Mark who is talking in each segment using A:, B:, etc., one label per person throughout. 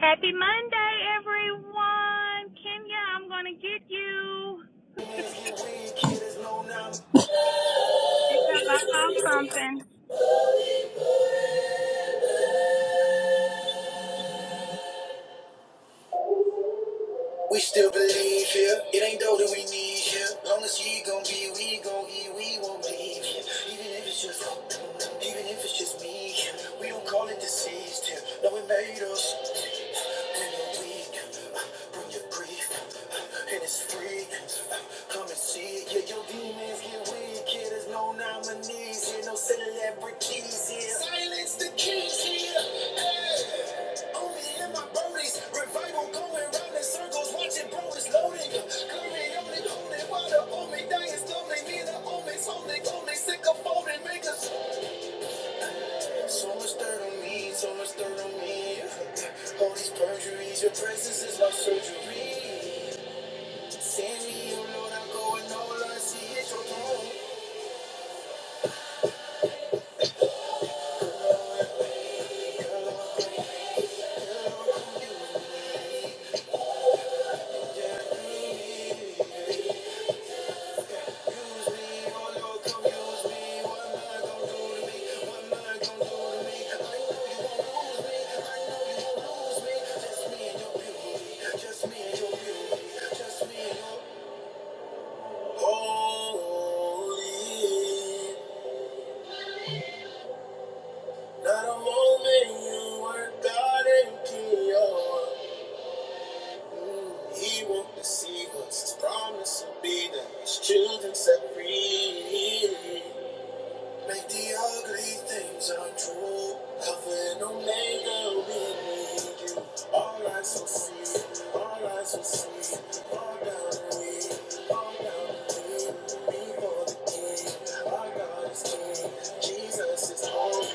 A: Happy Monday, everyone. Kenya, I'm going to get you because I saw something.
B: We still believe here. It ain't though that we need here. Long as he gon' be, we gon' eat, we won't leave here. Even if it's just, even if it's just me here. We don't call it deceased here. No, it made us. When you're weak, bring your grief. uh, And it's free. Come and see it. Your demons get weak here. There's no nominees here. No celebrities here. Silence the keys here. Hey. Only in my birdies. Revival going round in circles. Watching brothers loading. Glory on it, holding. Water on me. Dying slowly. Me and the homies holding. Only sick of folding. Make us. So much dirt on me. So much dirt on me. All these perjuries. Your presence is my surgery. Send me, oh Lord. I'm going all I see is your throne. Not a moment you were God and he won't deceive us. His promise will be that his children set free. Make the ugly things untrue. Alpha and Omega, we need you. All eyes will see, all eyes will see. All down and we, all down and we. Before the King, our God is King. Jesus is home.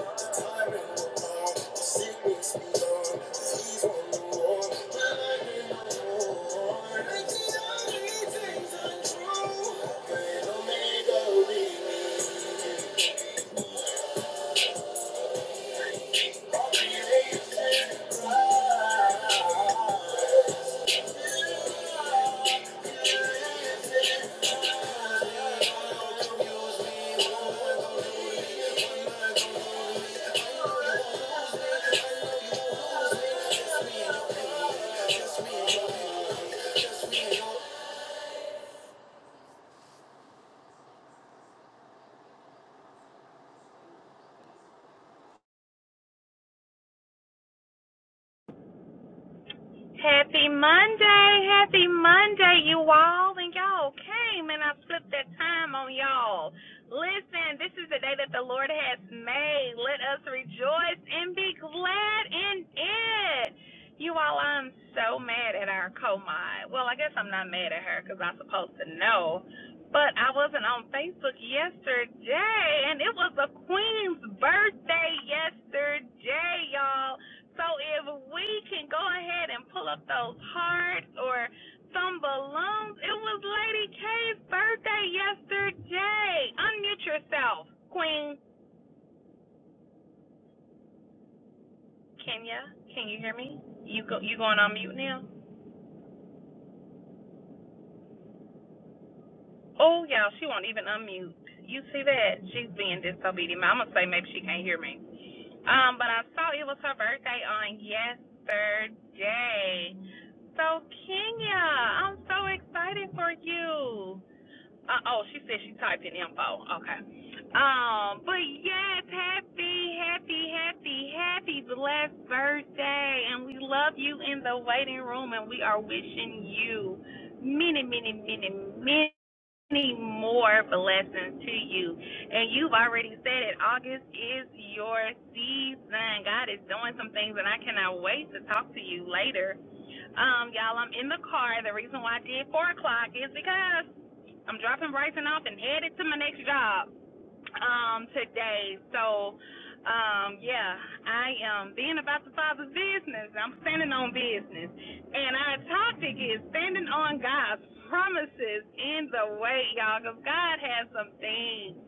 B: The tyrant will fall. The sickness be gone. 'Cause He's won the war. The light in the war. Alpha and Omega, we need you. Just me just me, just me.
A: Happy Monday, happy Monday, you all. And y'all came and I flipped that time on y'all. Listen, this is the day that the Lord has made. Let us rejoice and be glad in it. You all, I'm so mad at our co-mod. Well, I guess I'm not mad at her because I'm supposed to know. But I wasn't on Facebook yesterday, and it was the Queen's birthday yesterday, y'all. So if we can go ahead and pull up those hearts or some balloons, it was Lady K's birthday yesterday. Unmute yourself, Queen Kenya. Can you hear me? You go. You going on mute now? Oh, y'all, she won't even unmute. You see that? She's being disobedient. I'm gonna say maybe she can't hear me. Um, but I saw it was her birthday on yesterday. So Kenya, I'm so excited for you. Uh, oh, she said she typed in info. Okay. Um, but yes, happy, happy, happy, happy blessed birthday. And we love you in the waiting room and we are wishing you many, many, many, many more blessings to you. And you've already said it, August is your season. God is doing some things and I cannot wait to talk to you later. Um, y'all, I'm in the car. The reason why I did four o'clock is because I'm dropping Bryson off and headed to my next job um, today. So, um, yeah, I am being about the Father's business. I'm standing on business. And our topic is standing on God's promises in the way, y'all, because God has some things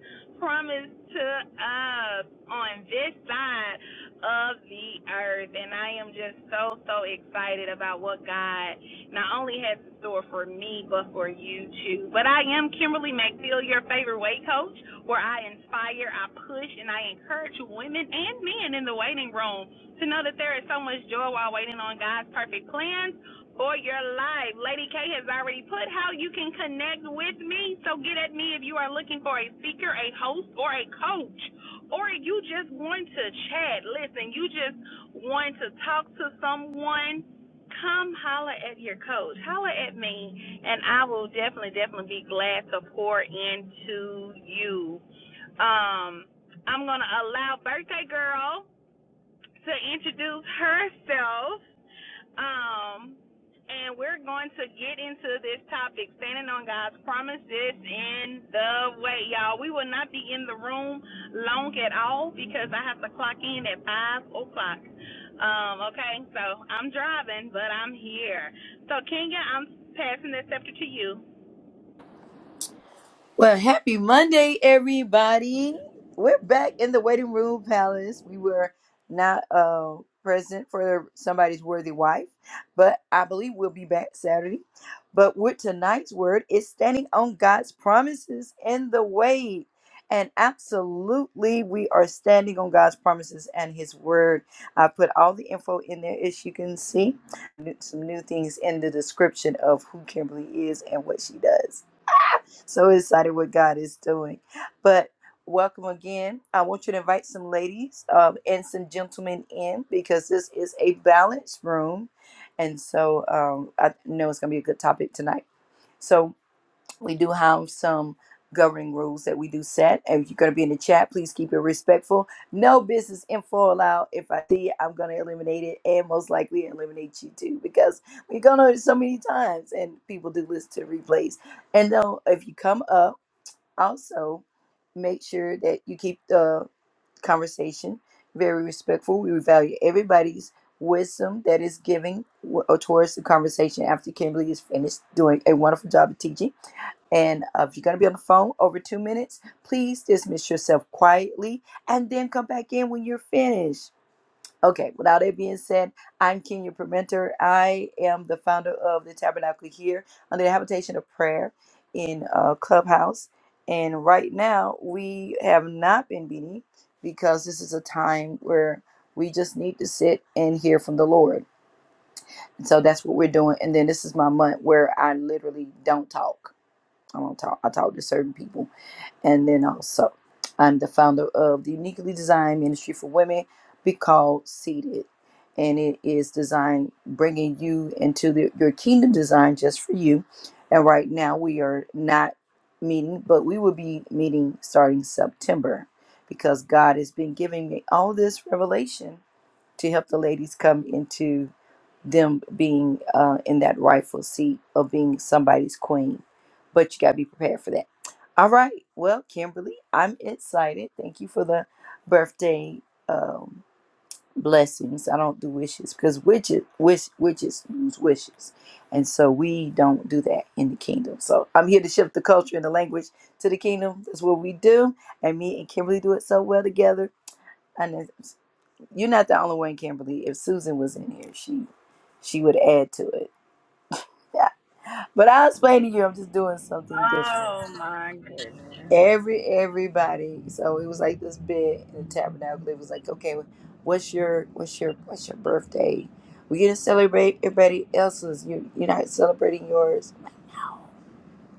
A: promised to us on this side of the earth. And I am just so, so excited about what God not only has in store for me, but for you too. But I am Kimberly McDill, your favorite weight coach, where I inspire, I push, and I encourage women and men in the waiting room to know that there is so much joy while waiting on God's perfect plans for your life. Lady K has already put how you can connect with me, so get at me if you are looking for a speaker, a host, or a coach. Or you just want to chat. Listen, you just want to talk to someone Come holler at your coach. Holler at me, and I will definitely, definitely be glad to pour into you. Um, I'm going to allow Birthday Girl to introduce herself um, and we're going to get into this topic, standing on God's promises in the way, y'all. We will not be in the room long at all because I have to clock in at five o'clock. Um, okay, so I'm driving, but I'm here. So Kenya, I'm passing this scepter to you.
B: Well, happy Monday, everybody. We're back in the waiting room palace. We were not uh, present for somebody's worthy wife, but I believe we'll be back Saturday. But with tonight's word is standing on God's promises in the wait. And absolutely, we are standing on God's promises and His word. I put all the info in there, as you can see. Some new things in the description of who Kimberly is and what she does so excited what God is doing. But welcome again. I want you to invite some ladies um, and some gentlemen in because this is a balanced room. And so um, I know it's going to be a good topic tonight. So we do have some governing rules that we do set. And If you're going to be in the chat, please keep it respectful. No business info allowed. If I see it, I'm going to eliminate it and most likely eliminate you too because we've gone over it so many times and people do listen to replays. And though, if you come up, also make sure that you keep the conversation very respectful. We value everybody's wisdom that is giving w- uh, towards the conversation after Kimberly is finished doing a wonderful job of teaching and uh, if you're going to be on the phone over two minutes, please dismiss yourself quietly and then come back in when you're finished. Okay, without that being said, I'm Kenya Permenter. I am the founder of the Tabernacle here under the Habitation of Prayer in uh, Clubhouse. And right now, we have not been meeting because this is a time where we just need to sit and hear from the Lord. And so that's what we're doing. And then this is my month where I literally don't talk. I don't talk. I talk to certain people and then also, I'm the founder of the Uniquely Designed Ministry for Women, Be Called Seated. And it is designed bringing you into the, your kingdom design just for you. And right now, we are not meeting, but we will be meeting starting September because God has been giving me all this revelation to help the ladies come into them being uh, in that rightful seat of being somebody's queen. But you got to be prepared for that. All right. Well, Kimberly, I'm excited. Thank you for the birthday um, blessings. I don't do wishes because witches, wish, witches use wishes. And so we don't do that in the kingdom. So I'm here to shift the culture and the language to the kingdom. That's what we do. And me and Kimberly do it so well together. And you're not the only one, Kimberly. If Susan was in here, she she would add to it. Yeah. But I'll explain to you, I'm just doing something different.
A: Oh my goodness.
B: Every everybody, so it was like this bit in the tabernacle. It was like, okay, well, what's your what's your what's your birthday? We get to celebrate everybody else's. You you're not celebrating yours.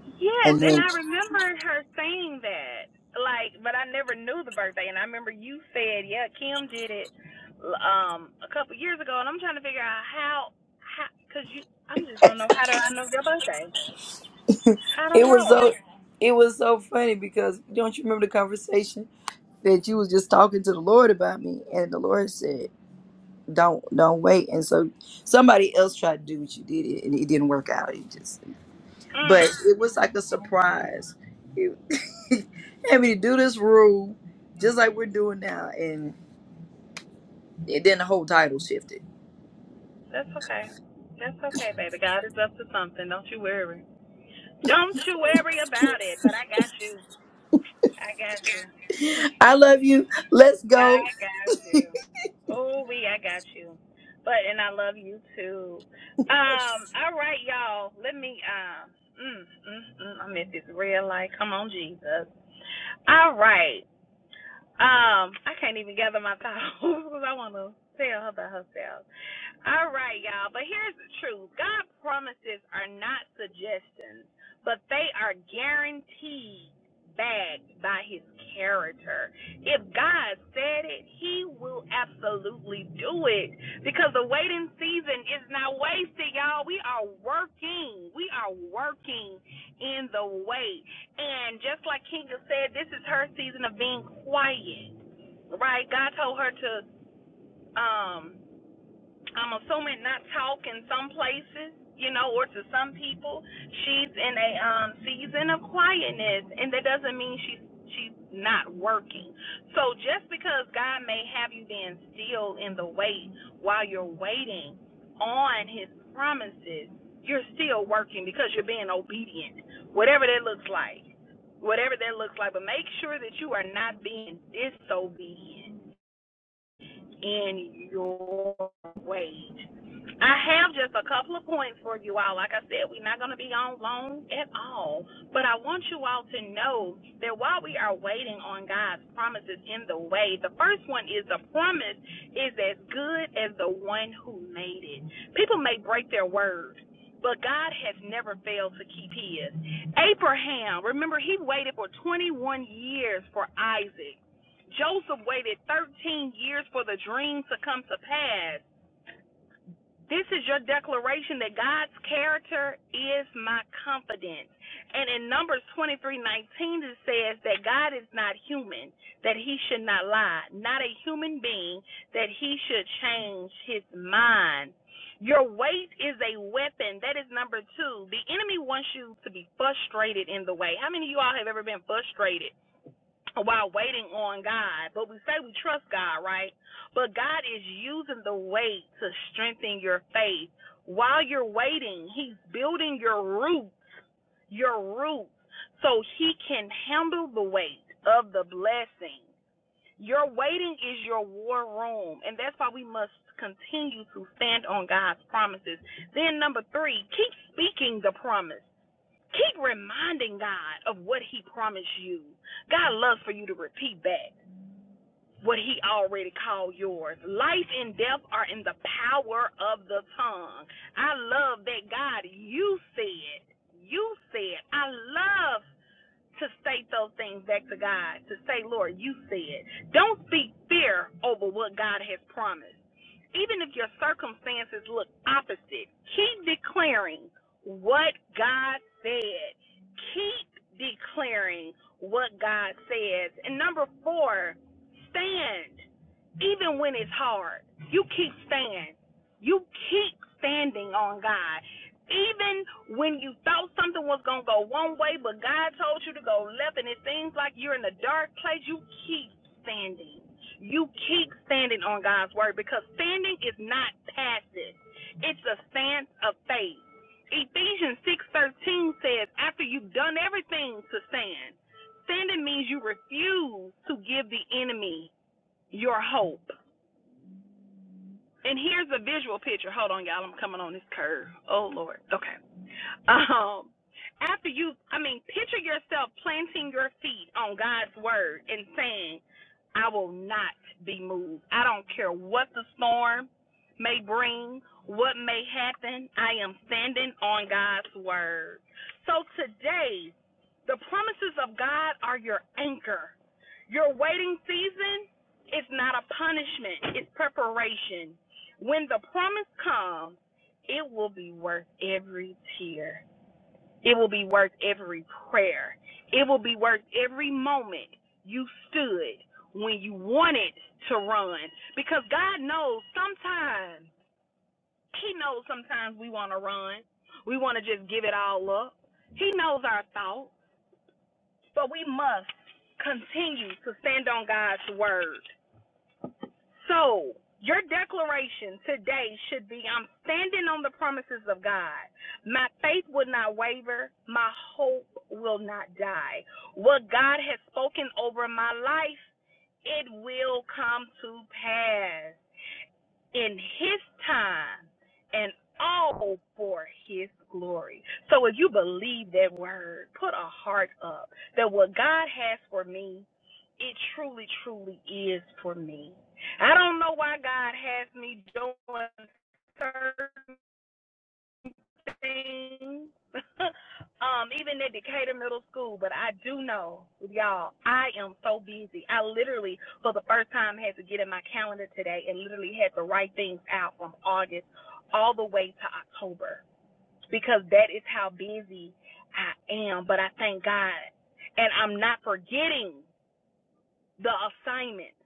A: Yes,
B: And
A: and
B: then
A: I remember her saying that. Like, but I never knew the birthday, and I remember you said, "Yeah, Kim did it um a couple years ago," and I'm trying to figure out how, how, cause you, I am just don't know how do I know your birthday? I
B: it
A: don't
B: was so
A: know.
B: it was so funny because don't you remember the conversation that you was just talking to the Lord about me and the Lord said don't don't wait and so somebody else tried to do what you did and it didn't work out it just but
A: Mm,
B: it was like a surprise it had me to do this rule just like we're doing now and it, then the whole title shifted
A: that's okay. That's okay, baby. God is up to something. Don't you worry. Don't you worry about it. But I got you. I got you.
B: i love you let's go
A: I got you. Oh, we, I got you. But and I love you too. Um, all right, y'all. Let me um, mm, mm, mm, I'm at this red light. Come on, Jesus. All right. Um, I can't even gather my thoughts because I want to tell her about herself. All right, y'all. But here's the truth God promises are not suggestions, but they are guaranteed backed by his character. If God said it, he will absolutely do it because the waiting season is not wasted, y'all. We are working. We are working in the wait. And just like Kinga said, this is her season of being quiet, right? God told her to um I'm assuming not talk in some places, you know, or to some people. She's in a um, season of quietness, and that doesn't mean she's she's not working. So just because God may have you being still in the wait while you're waiting on His promises, you're still working because you're being obedient, whatever that looks like, whatever that looks like. But make sure that you are not being disobedient in your wait. I have just a couple of points for you all. Like I said, we're not going to be on long at all. But I want you all to know that while we are waiting on God's promises in the way, the first one is the promise is as good as the one who made it. People may break their word. But God has never failed to keep his. Abraham, remember, he waited for 21 years for Isaac. Joseph waited 13 years for the dream to come to pass. This is your declaration that God's character is my confidence. And in Numbers twenty three nineteen, it says that God is not human, that he should not lie, not a human being, that he should change his mind. Your weight is a weapon. That is number two. The enemy wants you to be frustrated in the way. How many of you all have ever been frustrated? while waiting on God. But we say we trust God, right? But God is using the wait to strengthen your faith. While you're waiting, He's building your roots, your roots, so He can handle the weight of the blessing. Your waiting is your war room, and that's why we must continue to stand on God's promises. Then, number three, keep speaking the promise. Keep reminding God of what He promised you. God loves for you to repeat back what He already called yours. Life and death are in the power of the tongue. I love that God, you said, you said, I love to state those things back to God, to say, Lord, you said. Don't speak fear over what God has promised. Even if your circumstances look opposite, keep declaring what God said. Keep declaring what God says. And number four, stand even when it's hard, you keep staying. You keep standing on God. Even when you thought something was going to go one way, but God told you to go left, and it seems like you're in a dark place, you keep standing. You keep standing on God's word because standing is not passive, it's a stance of faith. Ephesians 6:13 says, after you've done everything to stand, standing means you refuse to give the enemy your hope. And here's a visual picture. Hold on, y'all. I'm coming on this curve. Oh Lord. Okay. Um. After you, I mean, picture yourself planting your feet on God's word and saying, "I will not be moved. I don't care what the storm may bring, what may happen. I am standing on God's word." So today, the promises of God are your anchor. Your waiting season is not a punishment, it's preparation. When the promise comes, it will be worth every tear. It will be worth every prayer. It will be worth every moment you stood when you wanted to run. Because God knows sometimes, He knows sometimes we want to run. We want to just give it all up. He knows our thoughts, but we must continue to stand on God's word. So, your declaration today should be I'm standing on the promises of God. My faith will not waver. My hope will not die. What God has spoken over my life, it will come to pass in his time and all for his glory. So if you believe that word, put a heart up that what God has for me, it truly, truly is for me. I don't know why God has me doing certain thing, um, even at Decatur Middle School. But I do know, y'all, I am so busy. I literally, for the first time, had to get in my calendar today and literally had to write things out from August all the way to October because that is how busy I am. But I thank God. And I'm not forgetting the assignments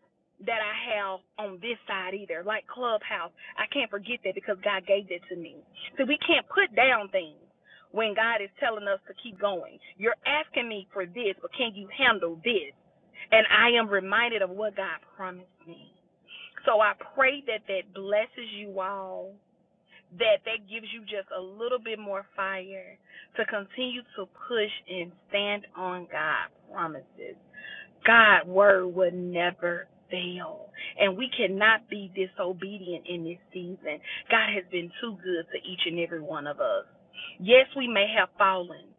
A: that I have on this side either, like Clubhouse. I can't forget that because God gave that to me. So we can't put down things when God is telling us to keep going. You're asking me for this, but can you handle this? And I am reminded of what God promised me. So I pray that that blesses you all, that that gives you just a little bit more fire to continue to push and stand on God promises God' word will never fail. And we cannot be disobedient in this season. God has been too good to each and every one of us. Yes, we may have fallen.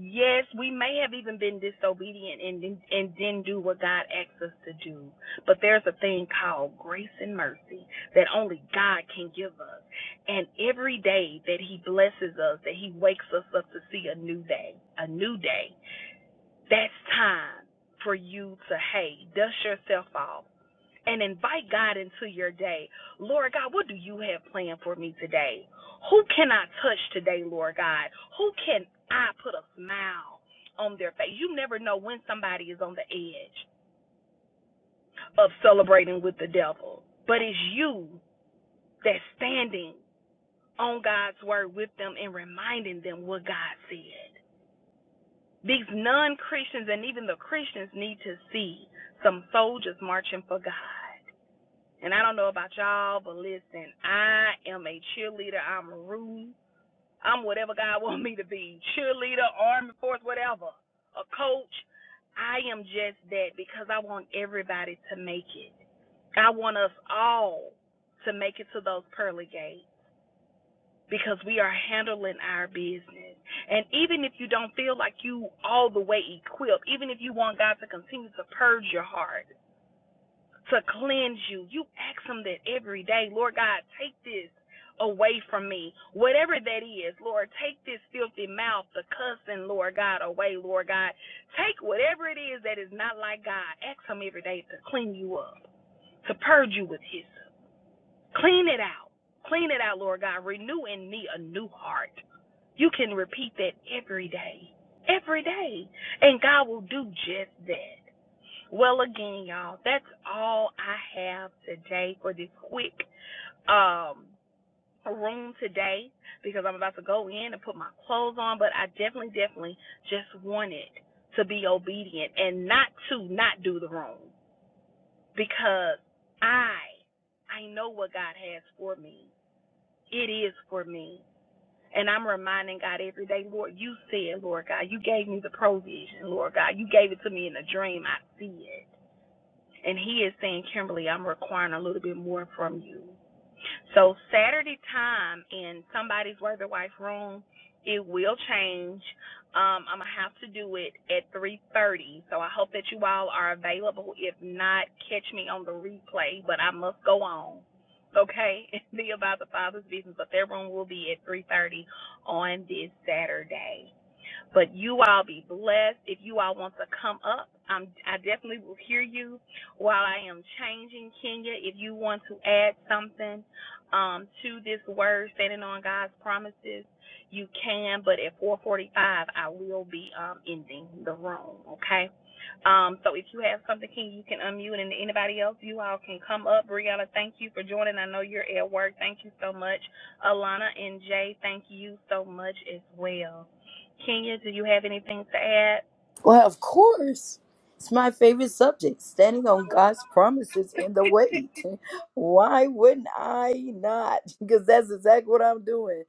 A: Yes, we may have even been disobedient and, and didn't do what God asked us to do. But there's a thing called grace and mercy that only God can give us. And every day that He blesses us, that He wakes us up to see a new day, a new day that's time for you to, hey, dust yourself off and invite God into your day. Lord God, what do you have planned for me today? Who can I touch today, Lord God? Who can I put a smile on their face? You never know when somebody is on the edge of celebrating with the devil, but it's you that's standing on God's word with them and reminding them what God said. These non Christians and even the Christians need to see some soldiers marching for God. And I don't know about y'all, but listen, I am a cheerleader. I'm rude. I'm whatever God wants me to be cheerleader, army force, whatever, a coach. I am just that because I want everybody to make it. I want us all to make it to those pearly gates because we are handling our business. And even if you don't feel like you all the way equipped, even if you want God to continue to purge your heart, to cleanse you, you ask him that every day, Lord God, take this away from me. Whatever that is, Lord, take this filthy mouth, the cussing, Lord God, away, Lord God. Take whatever it is that is not like God. Ask him every day to clean you up, to purge you with his Clean it out. Clean it out, Lord God. Renew in me a new heart. You can repeat that every day. Every day. And God will do just that. Well again, y'all, that's all I have today for this quick um room today because I'm about to go in and put my clothes on, but I definitely, definitely just wanted to be obedient and not to not do the wrong because I I know what God has for me. It is for me. And I'm reminding God every day, Lord, you said, Lord God, you gave me the provision, Lord God. You gave it to me in a dream. I see it. And He is saying, Kimberly, I'm requiring a little bit more from you. So Saturday time in somebody's worthy wife room, it will change. Um, I'm gonna have to do it at 3:30. So I hope that you all are available. If not, catch me on the replay. But I must go on. Okay, and be about the Father's business. But their room will be at 3:30 on this Saturday. But you all be blessed. If you all want to come up, I'm, I definitely will hear you while I am changing Kenya. If you want to add something um, to this word, standing on God's promises, you can. But at 4:45, I will be um, ending the room. Okay. Um, so if you have something, King, you can unmute, and anybody else, you all can come up. Brianna, thank you for joining. I know you're at work. Thank you so much. Alana and Jay, thank you so much as well. Kenya, do you have anything to add?
B: Well, of course. It's my favorite subject, standing on God's promises in the wait. Why wouldn't I not? Because that's exactly what I'm doing.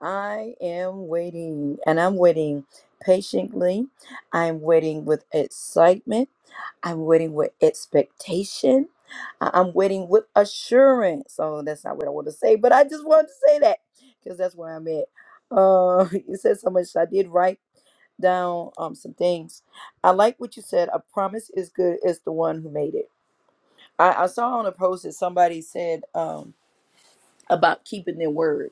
B: I am waiting, and I'm waiting patiently. I'm waiting with excitement. I'm waiting with expectation. I- I'm waiting with assurance. Oh, that's not what I want to say, but I just wanted to say that because that's where I'm at. Uh, you said so much I did right down um, some things. I like what you said. A promise is good as the one who made it. I, I saw on a post that somebody said um, about keeping their word,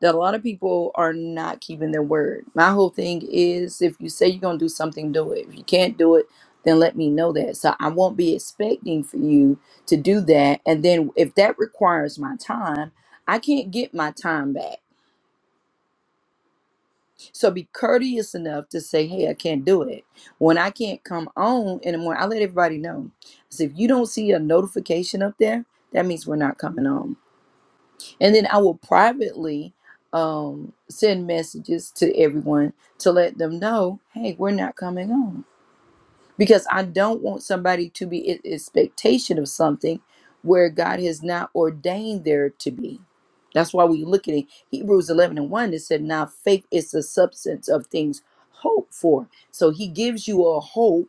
B: that a lot of people are not keeping their word. My whole thing is if you say you're going to do something, do it. If you can't do it, then let me know that. So I won't be expecting for you to do that. And then if that requires my time, I can't get my time back. So be courteous enough to say, hey, I can't do it. When I can't come on in the morning, I let everybody know. So if you don't see a notification up there, that means we're not coming on. And then I will privately um, send messages to everyone to let them know, hey, we're not coming on because I don't want somebody to be in expectation of something where God has not ordained there to be. That's why we look at it. Hebrews 11 and 1, it said, Now faith is the substance of things hoped for. So he gives you a hope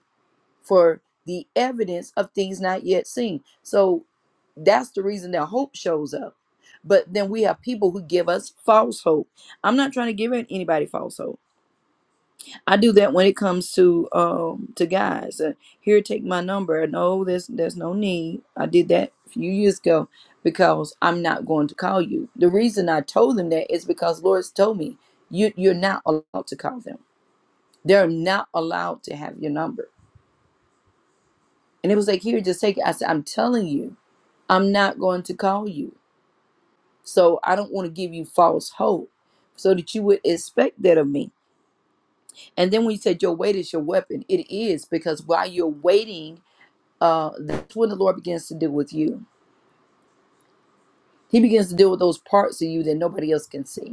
B: for the evidence of things not yet seen. So that's the reason that hope shows up. But then we have people who give us false hope. I'm not trying to give anybody false hope. I do that when it comes to um to guys. Uh, here, take my number. No, there's there's no need. I did that a few years ago because I'm not going to call you. The reason I told them that is because Lord's told me you you're not allowed to call them. They're not allowed to have your number. And it was like, here, just take it. I said, I'm telling you, I'm not going to call you. So I don't want to give you false hope, so that you would expect that of me. And then when you said your wait is your weapon, it is because while you're waiting uh, that's when the Lord begins to deal with you. He begins to deal with those parts of you that nobody else can see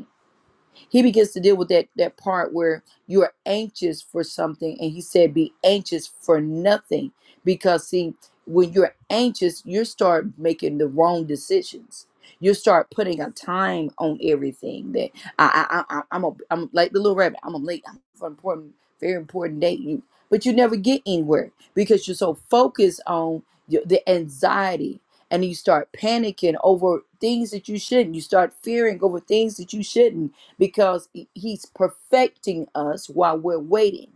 B: he begins to deal with that that part where you're anxious for something and he said be anxious for nothing because see when you're anxious you start making the wrong decisions you start putting a time on everything that i i, I I- am a i'm like the little rabbit i'm a late I'm for an important very important date you but you never get anywhere because you're so focused on your, the anxiety and you start panicking over things that you shouldn't you start fearing over things that you shouldn't because he- he's perfecting us while we're waiting.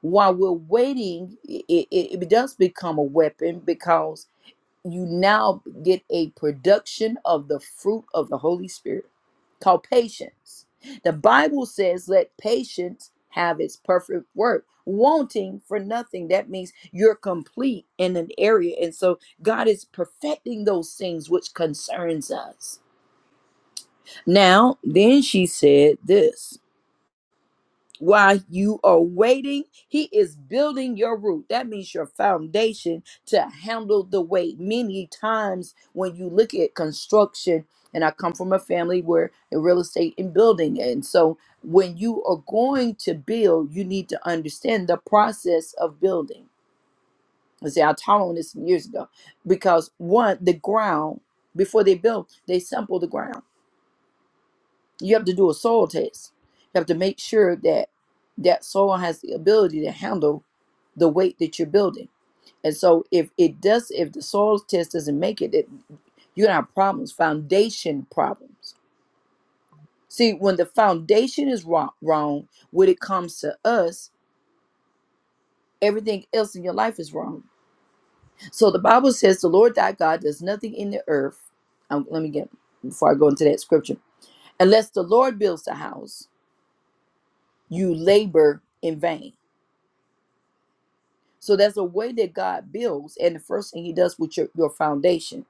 B: While we're waiting, it, it, it does become a weapon because you now get a production of the fruit of the Holy Spirit called patience. The Bible says, let patience have its perfect work, wanting for nothing. That means you're complete in an area. And so God is perfecting those things which concerns us. Now, then she said this while you are waiting, he is building your root. That means your foundation to handle the weight. Many times when you look at construction, and I come from a family where in real estate and building, and so when you are going to build, you need to understand the process of building. I say I taught on this years ago because one, the ground before they built, they sampled the ground you have to do a soil test. You have to make sure that that soil has the ability to handle the weight that you're building. And so if it does, if the soil test doesn't make it, it you're gonna have problems, foundation problems. See, when the foundation is wrong, wrong, when it comes to us, everything else in your life is wrong. So the Bible says the Lord thy God does nothing in the earth. Um, let me get before I go into that scripture. Unless the Lord builds the house, you labor in vain. So there's a way that God builds, and the first thing He does with your, your foundation,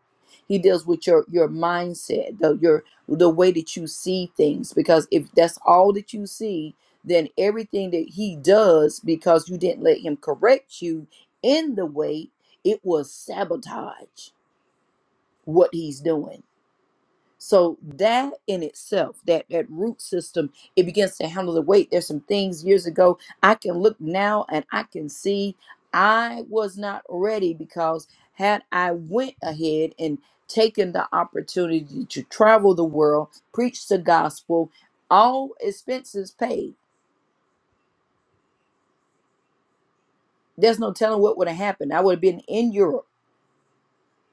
B: He deals with your your mindset, the your the way that you see things. Because if that's all that you see, then everything that He does, because you didn't let Him correct you in the way, it will sabotage what He's doing. So that in itself, that that root system, it begins to handle the weight. There's some things years ago I can look now and I can see I was not ready because had I went ahead and taken the opportunity to travel the world, preach the gospel, all expenses paid. There's no telling what would have happened. I would have been in Europe.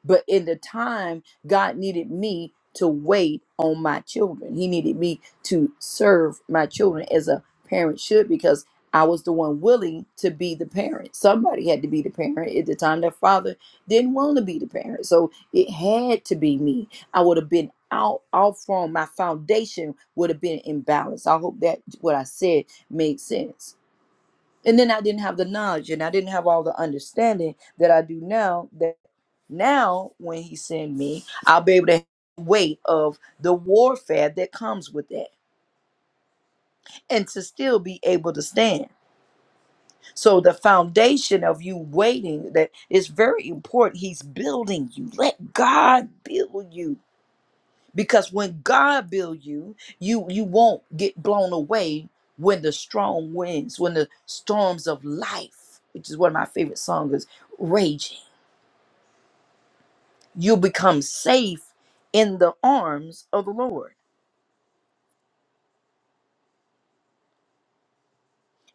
B: But in the time, God needed me to wait on my children. He needed me to serve my children as a parent should because I was the one willing to be the parent. Somebody had to be the parent at the time. Their father didn't want to be the parent. So it had to be me. I would have been out off from my foundation would have been imbalanced. I hope that what I said made sense. And then I didn't have the knowledge and I didn't have all the understanding that I do now now, when he send me, I'll be able to have the weight of the warfare that comes with that and to still be able to stand. So the foundation of you waiting that is very important. He's building you. Let God build you. Because when God build you, you you won't get blown away when the strong winds, when the storms of life, which is one of my favorite songs, is raging. You become safe in the arms of the Lord.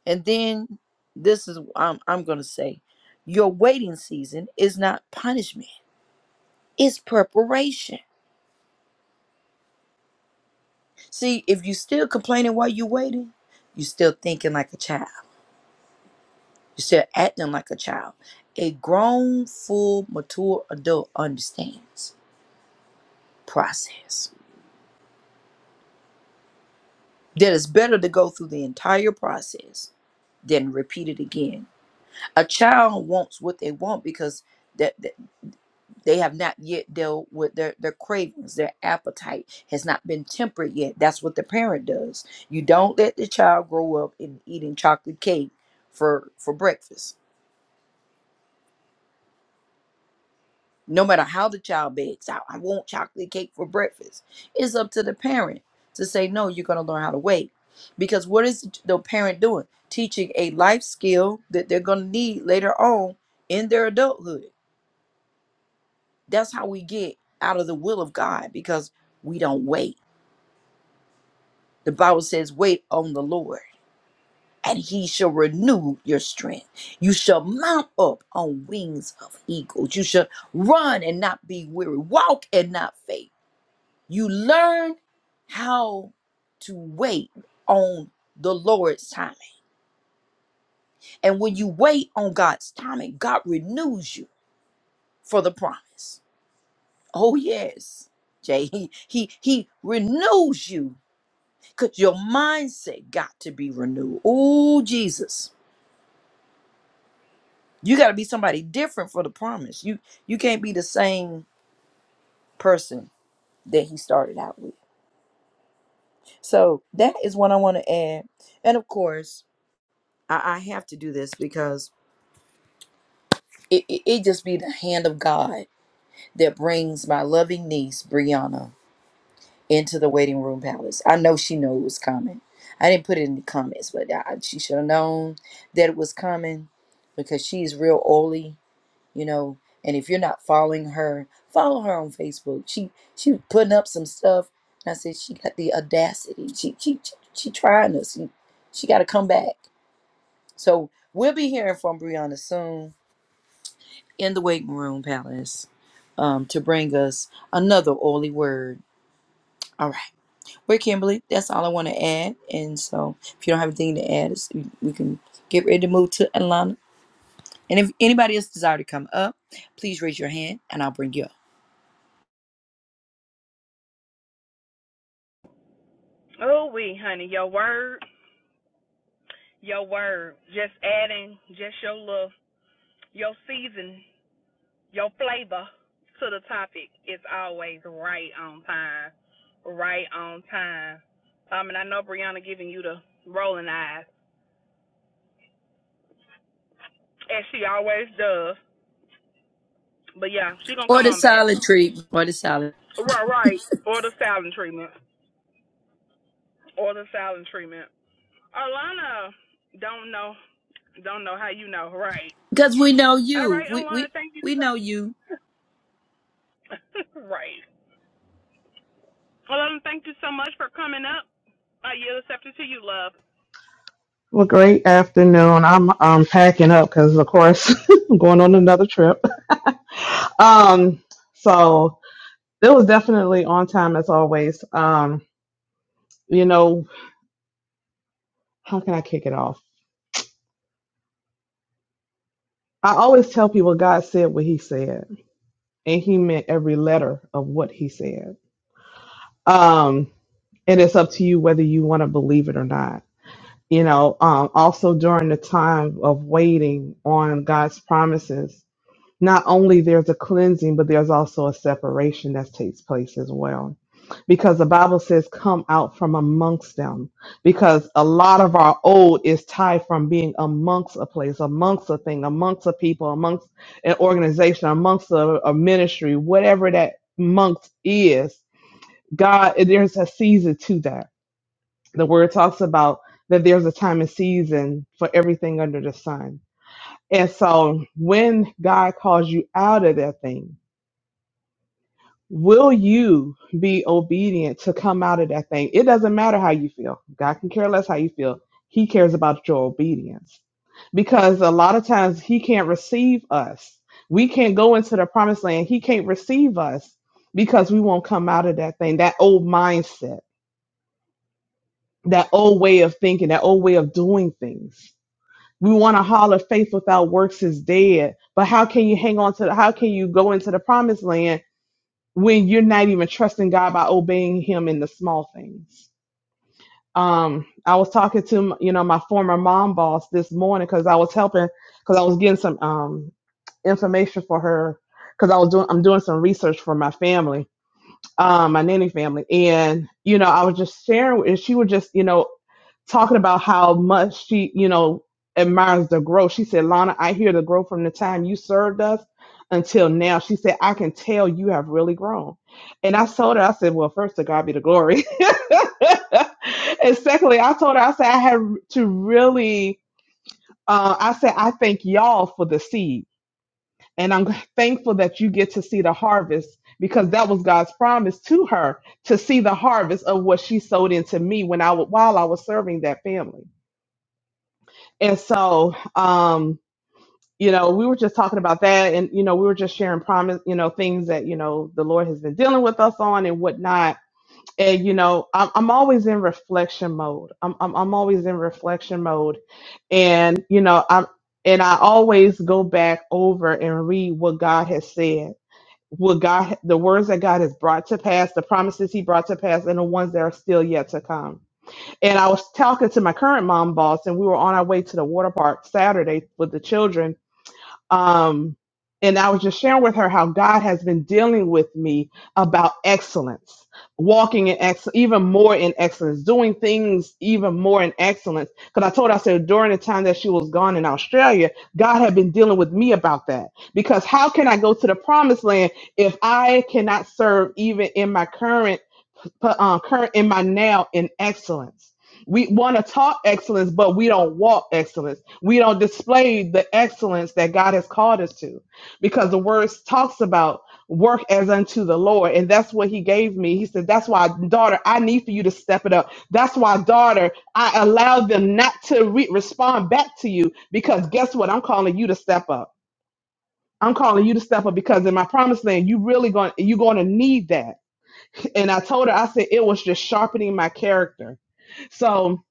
B: And then this is I'm I'm going to say your waiting season is not punishment. It's preparation. See, if you still complaining while you're waiting, you're still thinking like a child. You're still acting like a child. A grown, full, mature adult understands process. That it's better to go through the entire process than repeat it again. A child wants what they want because that They have not yet dealt with their, their cravings. Their appetite has not been tempered yet. That's what the parent does. You don't let the child grow up in eating chocolate cake for, for breakfast. No matter how the child begs, I, I want chocolate cake for breakfast. It's up to the parent to say, no, you're going to learn how to wait. Because what is the parent doing? Teaching a life skill that they're going to need later on in their adulthood. That's how we get out of the will of God because we don't wait The Bible says, Wait on the Lord, and he shall renew your strength. You shall mount up on wings of eagles. You shall run and not be weary, walk and not faint. You learn how to wait on the Lord's timing. And when you wait on God's timing, God renews you for the promise. Oh, yes. Jay, he he, he renews you because your mindset got to be renewed. Oh, Jesus. You got to be somebody different for the promise. You you can't be the same person that he started out with. So that is what I want to add. And of course, I, I have to do this because it, it, it just be the hand of God that brings my loving niece Brianna into the waiting room palace. I know she knew it was coming. I didn't put it in the comments, but I, she should have known that it was coming because she's real oily you know and if you're not following her follow her on facebook she she was putting up some stuff and i said she got the audacity she she she, she trying us she, she got to come back so we'll be hearing from brianna soon in the waiting room palace um to bring us another oily word all right we're kimberly that's all i want to add and so if you don't have anything to add it's, we we can get ready to move to atlanta and if anybody else desire to come up please raise your hand and i'll bring you up
A: Oh, we, honey, your word, your word, just adding just your love, your season, your flavor to the topic is always right on time, right on time. Um, and I know Brianna giving you the rolling eyes, as she always does. But yeah, she gonna
B: Or
A: come
B: the
A: on back.
B: silent treatment. Or the silent.
A: Right, right. Or the silent treatment, or the silent treatment. Alana, don't know, don't know how you know, right?
B: Because we know
A: All
B: you.
A: right,
B: We
A: Alana,
B: we
A: thank.
B: we know you.
A: Right. Well, um, thank you so much for coming up. I yield accepted to you, love.
C: Well, great afternoon. I'm um, packing up because, of course, I'm going on another trip. Um, so it was definitely on time as always. Um, you know, how can I kick it off? I always tell people God said what He said, and He meant every letter of what He said. Um, and it's up to you whether you want to believe it or not. You know, um, also during the time of waiting on God's promises, not only there's a cleansing, but there's also a separation that takes place as well. Because the Bible says, come out from amongst them. Because a lot of our old is tied from being amongst a place, amongst a thing, amongst a people, amongst an organization, amongst a, a ministry, whatever that amongst is. God, there's a season to that. The word talks about that there's a time and season for everything under the sun and so when God calls you out of that thing, will you be obedient to come out of that thing? It doesn't matter how you feel. God can care less how you feel. He cares about your obedience. Because a lot of times he can't receive us. We can't go into the promised land. He can't receive us because we won't come out of that thing, that old mindset, that old way of thinking, that old way of doing things. we want to holler faith without works is dead. But how can you hang on to the, how can you go into the promised land when you're not even trusting God by obeying him in the small things? Um, I was talking to, you know, my former mom boss this morning cause I was helping, cause I was getting some, um, information for her cause I was doing, I'm doing some research for my family um, my nanny family. And, you know, I was just sharing, and she was just, you know, talking about how much she, you know, admires the growth. She said, Lana, I hear the growth from the time you served us until now. She said, I can tell you have really grown. And I told her, I said, well, first to God be the glory. and secondly, I told her, I said, I had to really, uh, I said, I thank y'all for the seed and I'm thankful that you get to see the harvest because that was God's promise to her to see the harvest of what she sowed into me when I wa- while I was serving that family. And so, um, you know, we were just talking about that, and you know, we were just sharing promise, you know, things that you know the Lord has been dealing with us on and whatnot. And you know, I'm, I'm always in reflection mode. I'm, I'm I'm always in reflection mode, and you know, I'm and I always go back over and read what God has said what God, the words that God has brought to pass, the promises He brought to pass, and the ones that are still yet to come. And I was talking to my current mom boss, and we were on our way to the water park Saturday with the children, um, and I was just sharing with her how God has been dealing with me about excellence, walking in excellence, even more in excellence, doing things even more in excellence. Because I told her, I said, during the time that she was gone in Australia, God had been dealing with me about that. Because how can I go to the promised land if I cannot serve even in my current? put um, current in my now in excellence. We want to talk excellence, but we don't walk excellence. We don't display the excellence that God has called us to, because the word talks about work as unto the Lord, and that's what He gave me. He said, "That's why, daughter, I need for you to step it up. That's why, daughter, I allow them not to re- respond back to you, because guess what? I'm calling you to step up. I'm calling you to step up because in my promised land, you really going you're going to need that." And I told her, I said, it was just sharpening my character. So,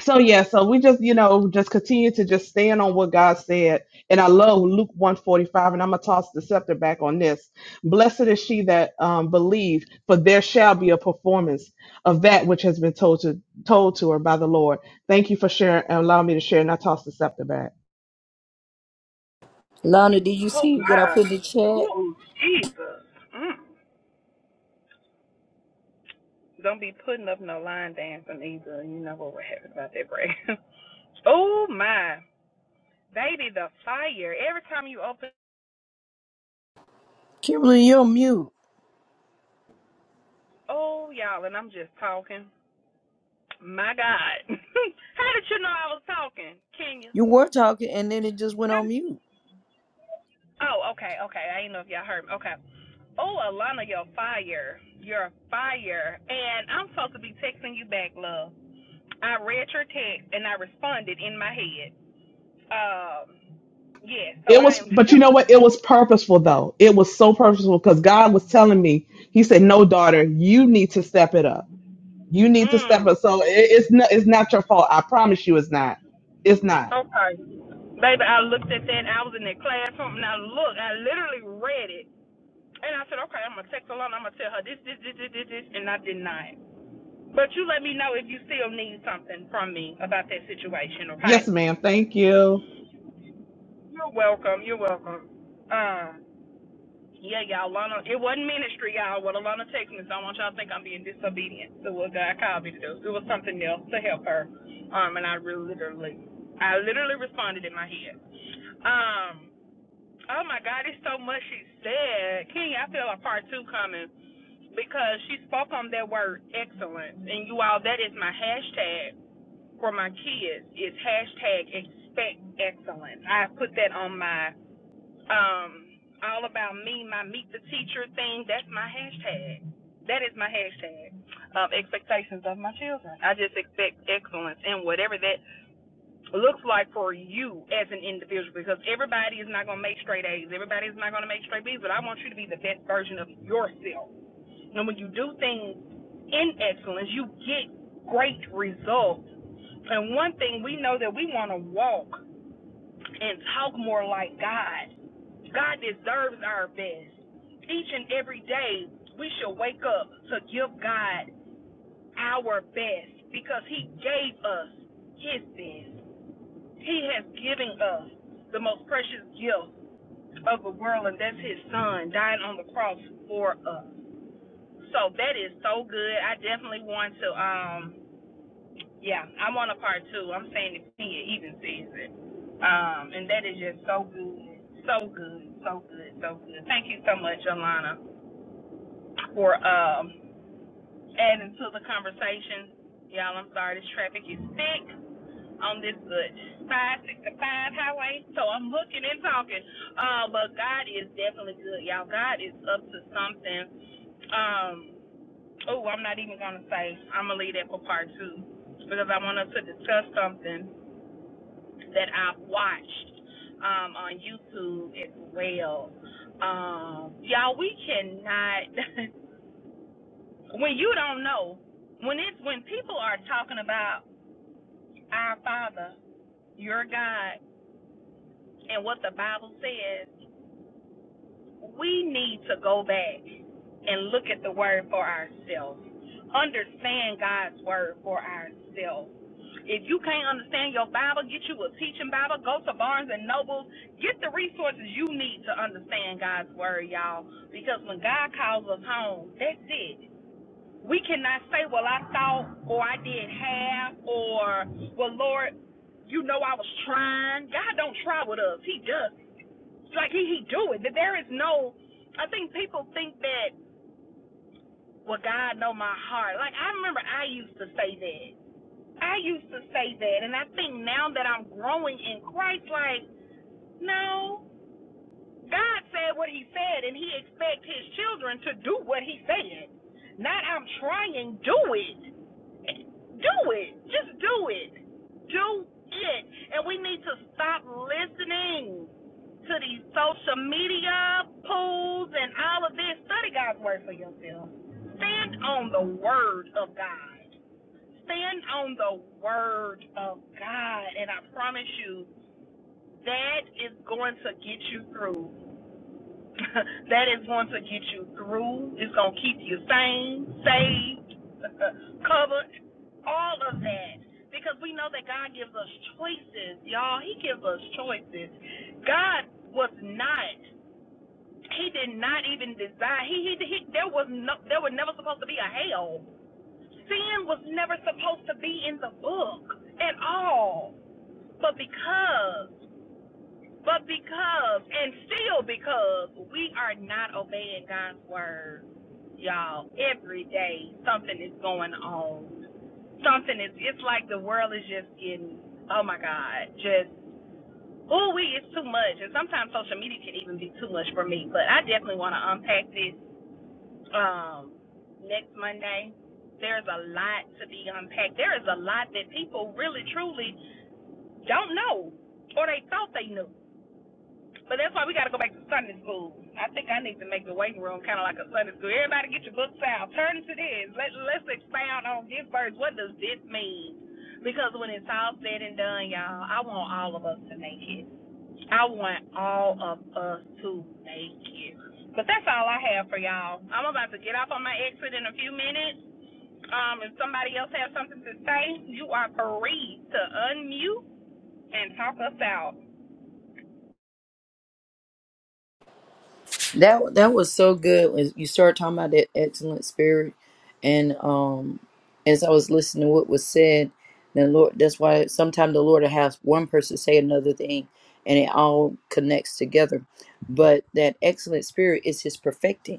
C: so yeah, so we just, you know, just continue to just stand on what God said. And I love Luke 145, and I'm gonna toss the scepter back on this. Blessed is she that um believe, for there shall be a performance of that which has been told to told to her by the Lord. Thank you for sharing and allowing me to share, and I toss the scepter back.
B: Lana, did you see what I put in the chat?
A: Mm. Don't be putting up no line dancing either. You know what would happen about that break. oh my, baby, the fire! Every time you open,
B: Kimberly, you're on mute.
A: oh y'all, and I'm just talking. My God, how did you know I was talking, Kenya?
B: You were talking and then it just went
A: How
B: on
A: did you...
B: mute.
A: Oh, okay, okay. I didn't know if y'all heard me. Okay. Oh, Alana, you're fire. You're fire, and I'm supposed to be texting you back, love. I read your text and I responded in my head. Um, yeah, so
C: It
A: I
C: was,
A: am.
C: but you know what? It was purposeful though. It was so purposeful because God was telling me, He said, No, daughter, you need to step it up You need to
A: mm,
C: step up. So it, it's not it's not your fault. I promise you, it's not. It's not.
A: okay. Baby, I looked at that. I was in that classroom and I looked. I literally read it. And I said, okay, I'm going to text Alana. I'm going to tell her this, this, this, this, this, this. And I did not. But you let me know if you still need something from me about that situation, okay?
C: Yes, ma'am. Thank you.
A: You're welcome. You're welcome. Um, Yeah, y'all, Lana, it wasn't ministry, y'all. What Alana texted me, so I don't want y'all to think I'm being disobedient to what God called me to do. It was something else to help her. Um, and I really, literally, I literally responded in my head. Um, oh my God, it's so much she said. King, I feel a part two coming because she spoke on that word excellence. And you all, that is my hashtag for my kids. It's hashtag expect excellence. I put that on my um, all about me, my meet the teacher thing. That's my hashtag. That is my hashtag of expectations of my children. I just expect excellence in whatever that looks like for you as an individual because everybody is not going to make straight A's. Everybody is not going to make straight B's, but I want you to be the best version of yourself. And when you do things in excellence, you get great results. And one thing we know that we want to walk and talk more like God. God deserves our best. Each and every day, we should wake up to give God our best because He gave us His best. He has given us the most precious gift of the world, and that's His Son dying on the cross for us. So that is so good. I definitely want to um yeah, I'm on a part two. I'm saying the senior evening season. Um, and that is just so good, so good, so good, so good. Thank you so much, Alana, for um adding to the conversation. Y'all, I'm sorry, this traffic is thick on this good five sixty five highway. So I'm looking and talking. Uh, but God is definitely good, y'all. God is up to something. Um, oh, I'm not even gonna say. I'm gonna leave that for part two because I want us to discuss something that I've watched um, on YouTube as well. Um, y'all, we cannot. when you don't know, when it's when people are talking about our Father, your God, and what the Bible says, we need to go back and look at the Word for ourselves. Understand God's Word for ourselves If you can't understand your Bible, get you a teaching Bible. Go to Barnes and Noble. Get the resources you need to understand God's word, y'all. Because when God calls us home, that's it. We cannot say, "Well, I thought," or "I did half," or "Well, Lord, you know I was trying." God don't try with us. He does. It's Like he he do it. That there is no. I think people think that. Well, God know my heart. Like I remember I used to say that. I used to say that, and I think now that I'm growing in Christ, like, no, God said what He said, and He expects His children to do what He said. Not I'm trying, do it, do it, just do it, do it, and we need to stop listening to these social media pools and all of this. Study God's word for yourself. Stand on the word of God. Stand on the word of God, and I promise you, that is going to get you through. that is going to get you through. It's going to keep you sane, saved, covered, all of that. Because we know that God gives us choices, y'all. He gives us choices. God was not. He did not even desire. He, he, he there was no. There was never supposed to be a hell. Sin was never supposed to be in the book at all. But because, but because, and still because we are not obeying God's word, y'all, every day something is going on. Something is, it's like the world is just getting, oh my God, just, ooh, we, it's too much. And sometimes social media can even be too much for me, but I definitely want to unpack this um, next Monday. There's a lot to be unpacked. There is a lot that people really, truly don't know, or they thought they knew. But that's why we got to go back to Sunday school. I think I need to make the waiting room kind of like a Sunday school. Everybody get your books out. Turn to this. Let, let's expound on this verse. What does this mean? Because when it's all said and done, y'all, I want all of us to make it. I want all of us to make it. But that's all I have for y'all. I'm about to get off on my exit in a few minutes. Um, if somebody else has something to say, you are free to unmute and talk us out.
B: That that was so good when you started talking about that excellent spirit and um as I was listening to what was said, then Lord that's why sometimes the Lord will have one person say another thing and it all connects together. But that excellent spirit is his perfecting.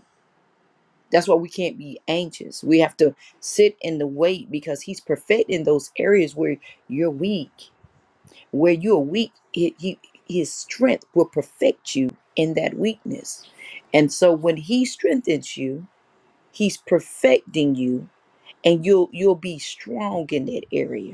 B: That's why we can't be anxious. We have to sit in the wait because He's perfecting those areas where you're weak. Where you're weak, he, he, His strength will perfect you in that weakness. And so when He strengthens you, He's perfecting you, and you'll you'll be strong in that area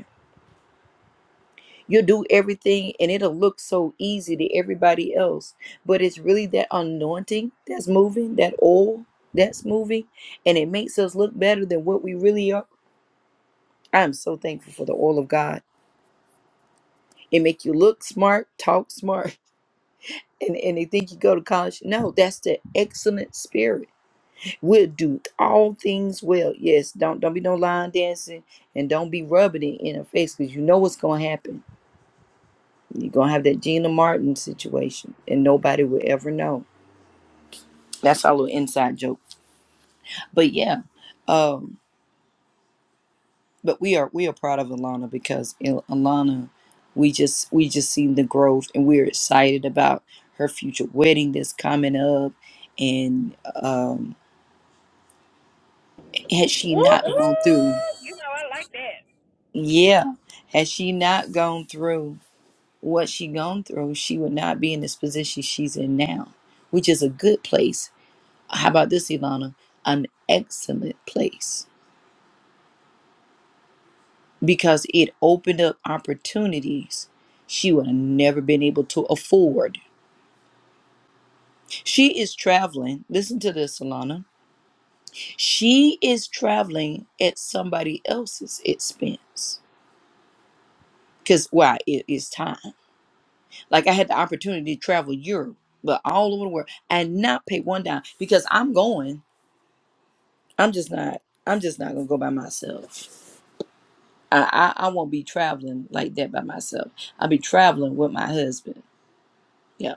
B: you do everything and it'll look so easy to everybody else. But it's really that anointing that's moving, that oil that's moving, and it makes us look better than what we really are. I'm so thankful for the oil of God. It make you look smart, talk smart, and, and they think you go to college. No, that's the excellent spirit. We'll do all things well. Yes, don't don't be no line dancing and don't be rubbing it in her face because you know what's gonna happen You're gonna have that Gina Martin situation, and nobody will ever know. That's our little inside joke. But yeah, um, but we are we are proud of Alana because Il- Alana, we just we just seen the growth, and we're excited about her future wedding that's coming up. And um, had she
A: Whoop
B: not gone
A: whoop!
B: through,
A: You know I like that.
B: yeah, had she not gone through what she gone through, she would not be in this position she's in now, which is a good place How about this, Ilana? An excellent place because it opened up opportunities she would have never been able to afford. She is traveling. Listen to this, Ilana. She is traveling at somebody else's expense because why? It is time. Like I had the opportunity to travel Europe, but all over the world and not pay one dime because I'm going. I'm just not. I'm just not gonna go by myself. I, I I won't be traveling like that by myself. I'll be traveling with my husband. Yeah,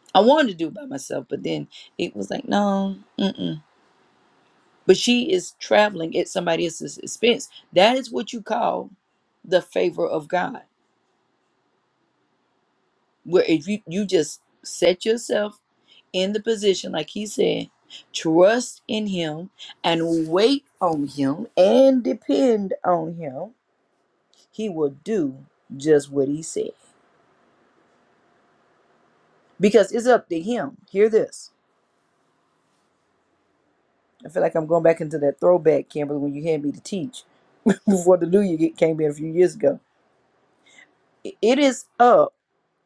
B: I wanted to do it by myself, but then it was like no, mm-mm. But she is traveling at somebody else's expense. That is what you call the favor of God, where if you you just set yourself in the position, like He said, trust in Him and wait on Him and depend on Him. He will do just what He said. because it's up to him. Hear this. I feel like I'm going back into that throwback, Kimberly, when you had me to teach before the new year came in a few years ago. It is up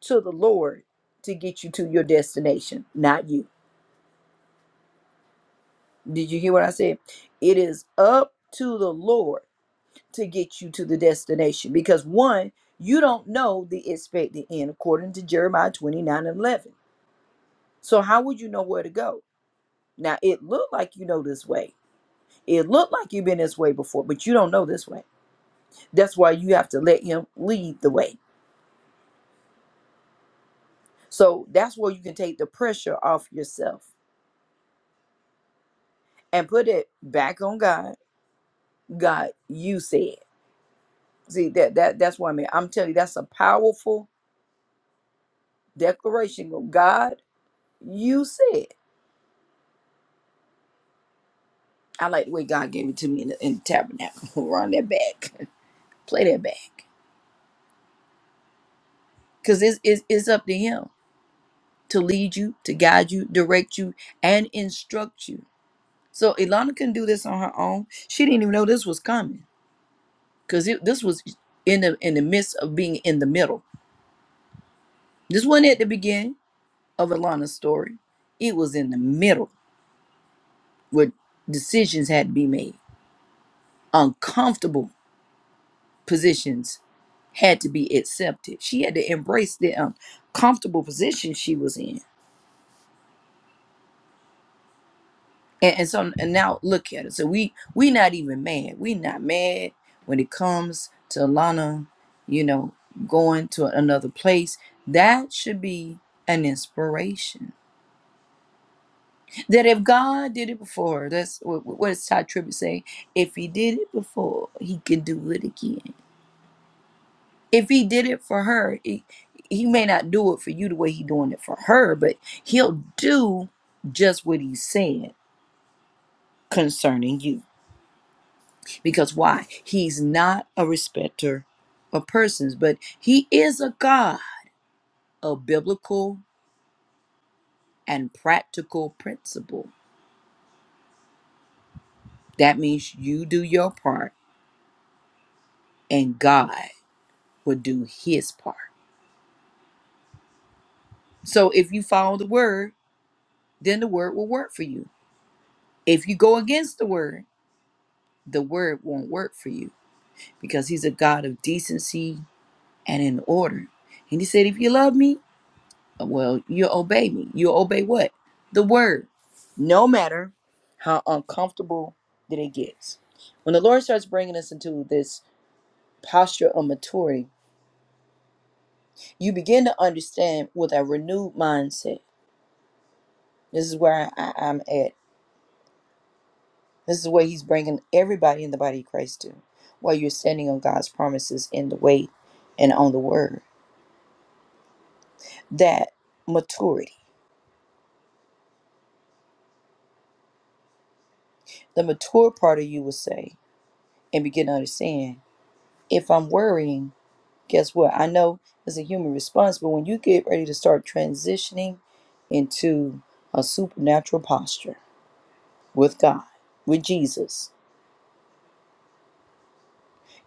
B: to the Lord to get you to your destination, not you. Did you hear what I said? It is up to the Lord to get you to the destination because one, you don't know the expected end according to Jeremiah 29 and 11. So, how would you know where to go? Now, it looked like you know this way It looked like you've been this way before, but you don't know this way. That's why you have to let him lead the way. So that's where you can take the pressure off yourself and put it back on God. God, you said. See that that that's what I mean. I'm telling you, that's a powerful declaration. God, you said. I like the way God gave it to me in the, in the tabernacle. Run that back, play that back, because it's, it's it's up to Him to lead you, to guide you, direct you, and instruct you. So Ilana couldn't do this on her own. She didn't even know this was coming because this was in the in the midst of being in the middle. This wasn't at the beginning of Ilana's story. It was in the middle where decisions had to be made. Uncomfortable positions had to be accepted. She had to embrace the uncomfortable position she was in And, and so and now look at it. So we we not even mad. We not mad when it comes to Lana, you know, going to another place. That should be an inspiration. That if God did it before, that's what, what does Todd Tribbett say? If He did it before, He can do it again. If He did it for her, he, he may not do it for you the way He doing it for her, but He'll do just what He said concerning you. Because why? He's not a respecter of persons, but he is a God of biblical and practical principle. That means you do your part and God will do his part. So if you follow the word, then the word will work for you. If you go against the word, the word won't work for you because he's a God of decency and in order. And he said, If you love me, Well, you obey me. You obey what? The word. No matter how uncomfortable that it gets. When the Lord starts bringing us into this posture of maturity, you begin to understand with a renewed mindset. This is where I, I'm at. This is where He's bringing everybody in the body of Christ to, while you're standing on God's promises in the way and on the word. That maturity. The mature part of you will say and begin to understand if I'm worrying guess what? I know it's a human response, but when you get ready to start transitioning into a supernatural posture with God, with Jesus,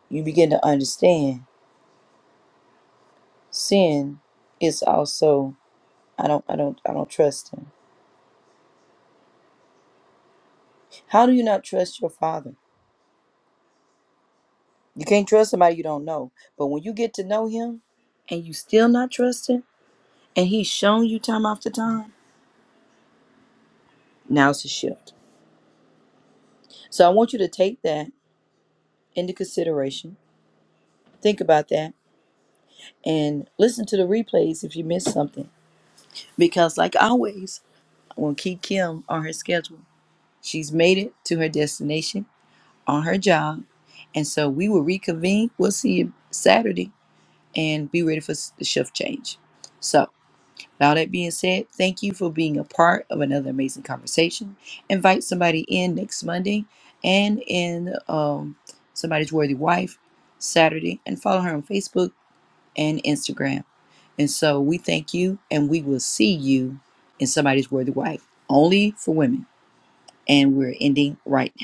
B: you begin to understand sin is also I don't I don't I don't trust him. How do you not trust your father? You can't trust somebody you don't know. But when you get to know him and you still not trust him and he's shown you time after time, now it's a shift. So I want you to take that into consideration. Think about that and listen to the replays if you missed something. Because, like always, I am going to keep Kim on her schedule. She's made it to her destination on her job. And so we will reconvene. We'll see you Saturday and be ready for s- the shift change. So, with all that being said, thank you for being a part of another amazing conversation. Invite somebody in next Monday and in um, somebody's worthy wife Saturday and follow her on Facebook and Instagram. And so we thank you and we will see you in somebody's worthy wife, only for women. And we're ending right now.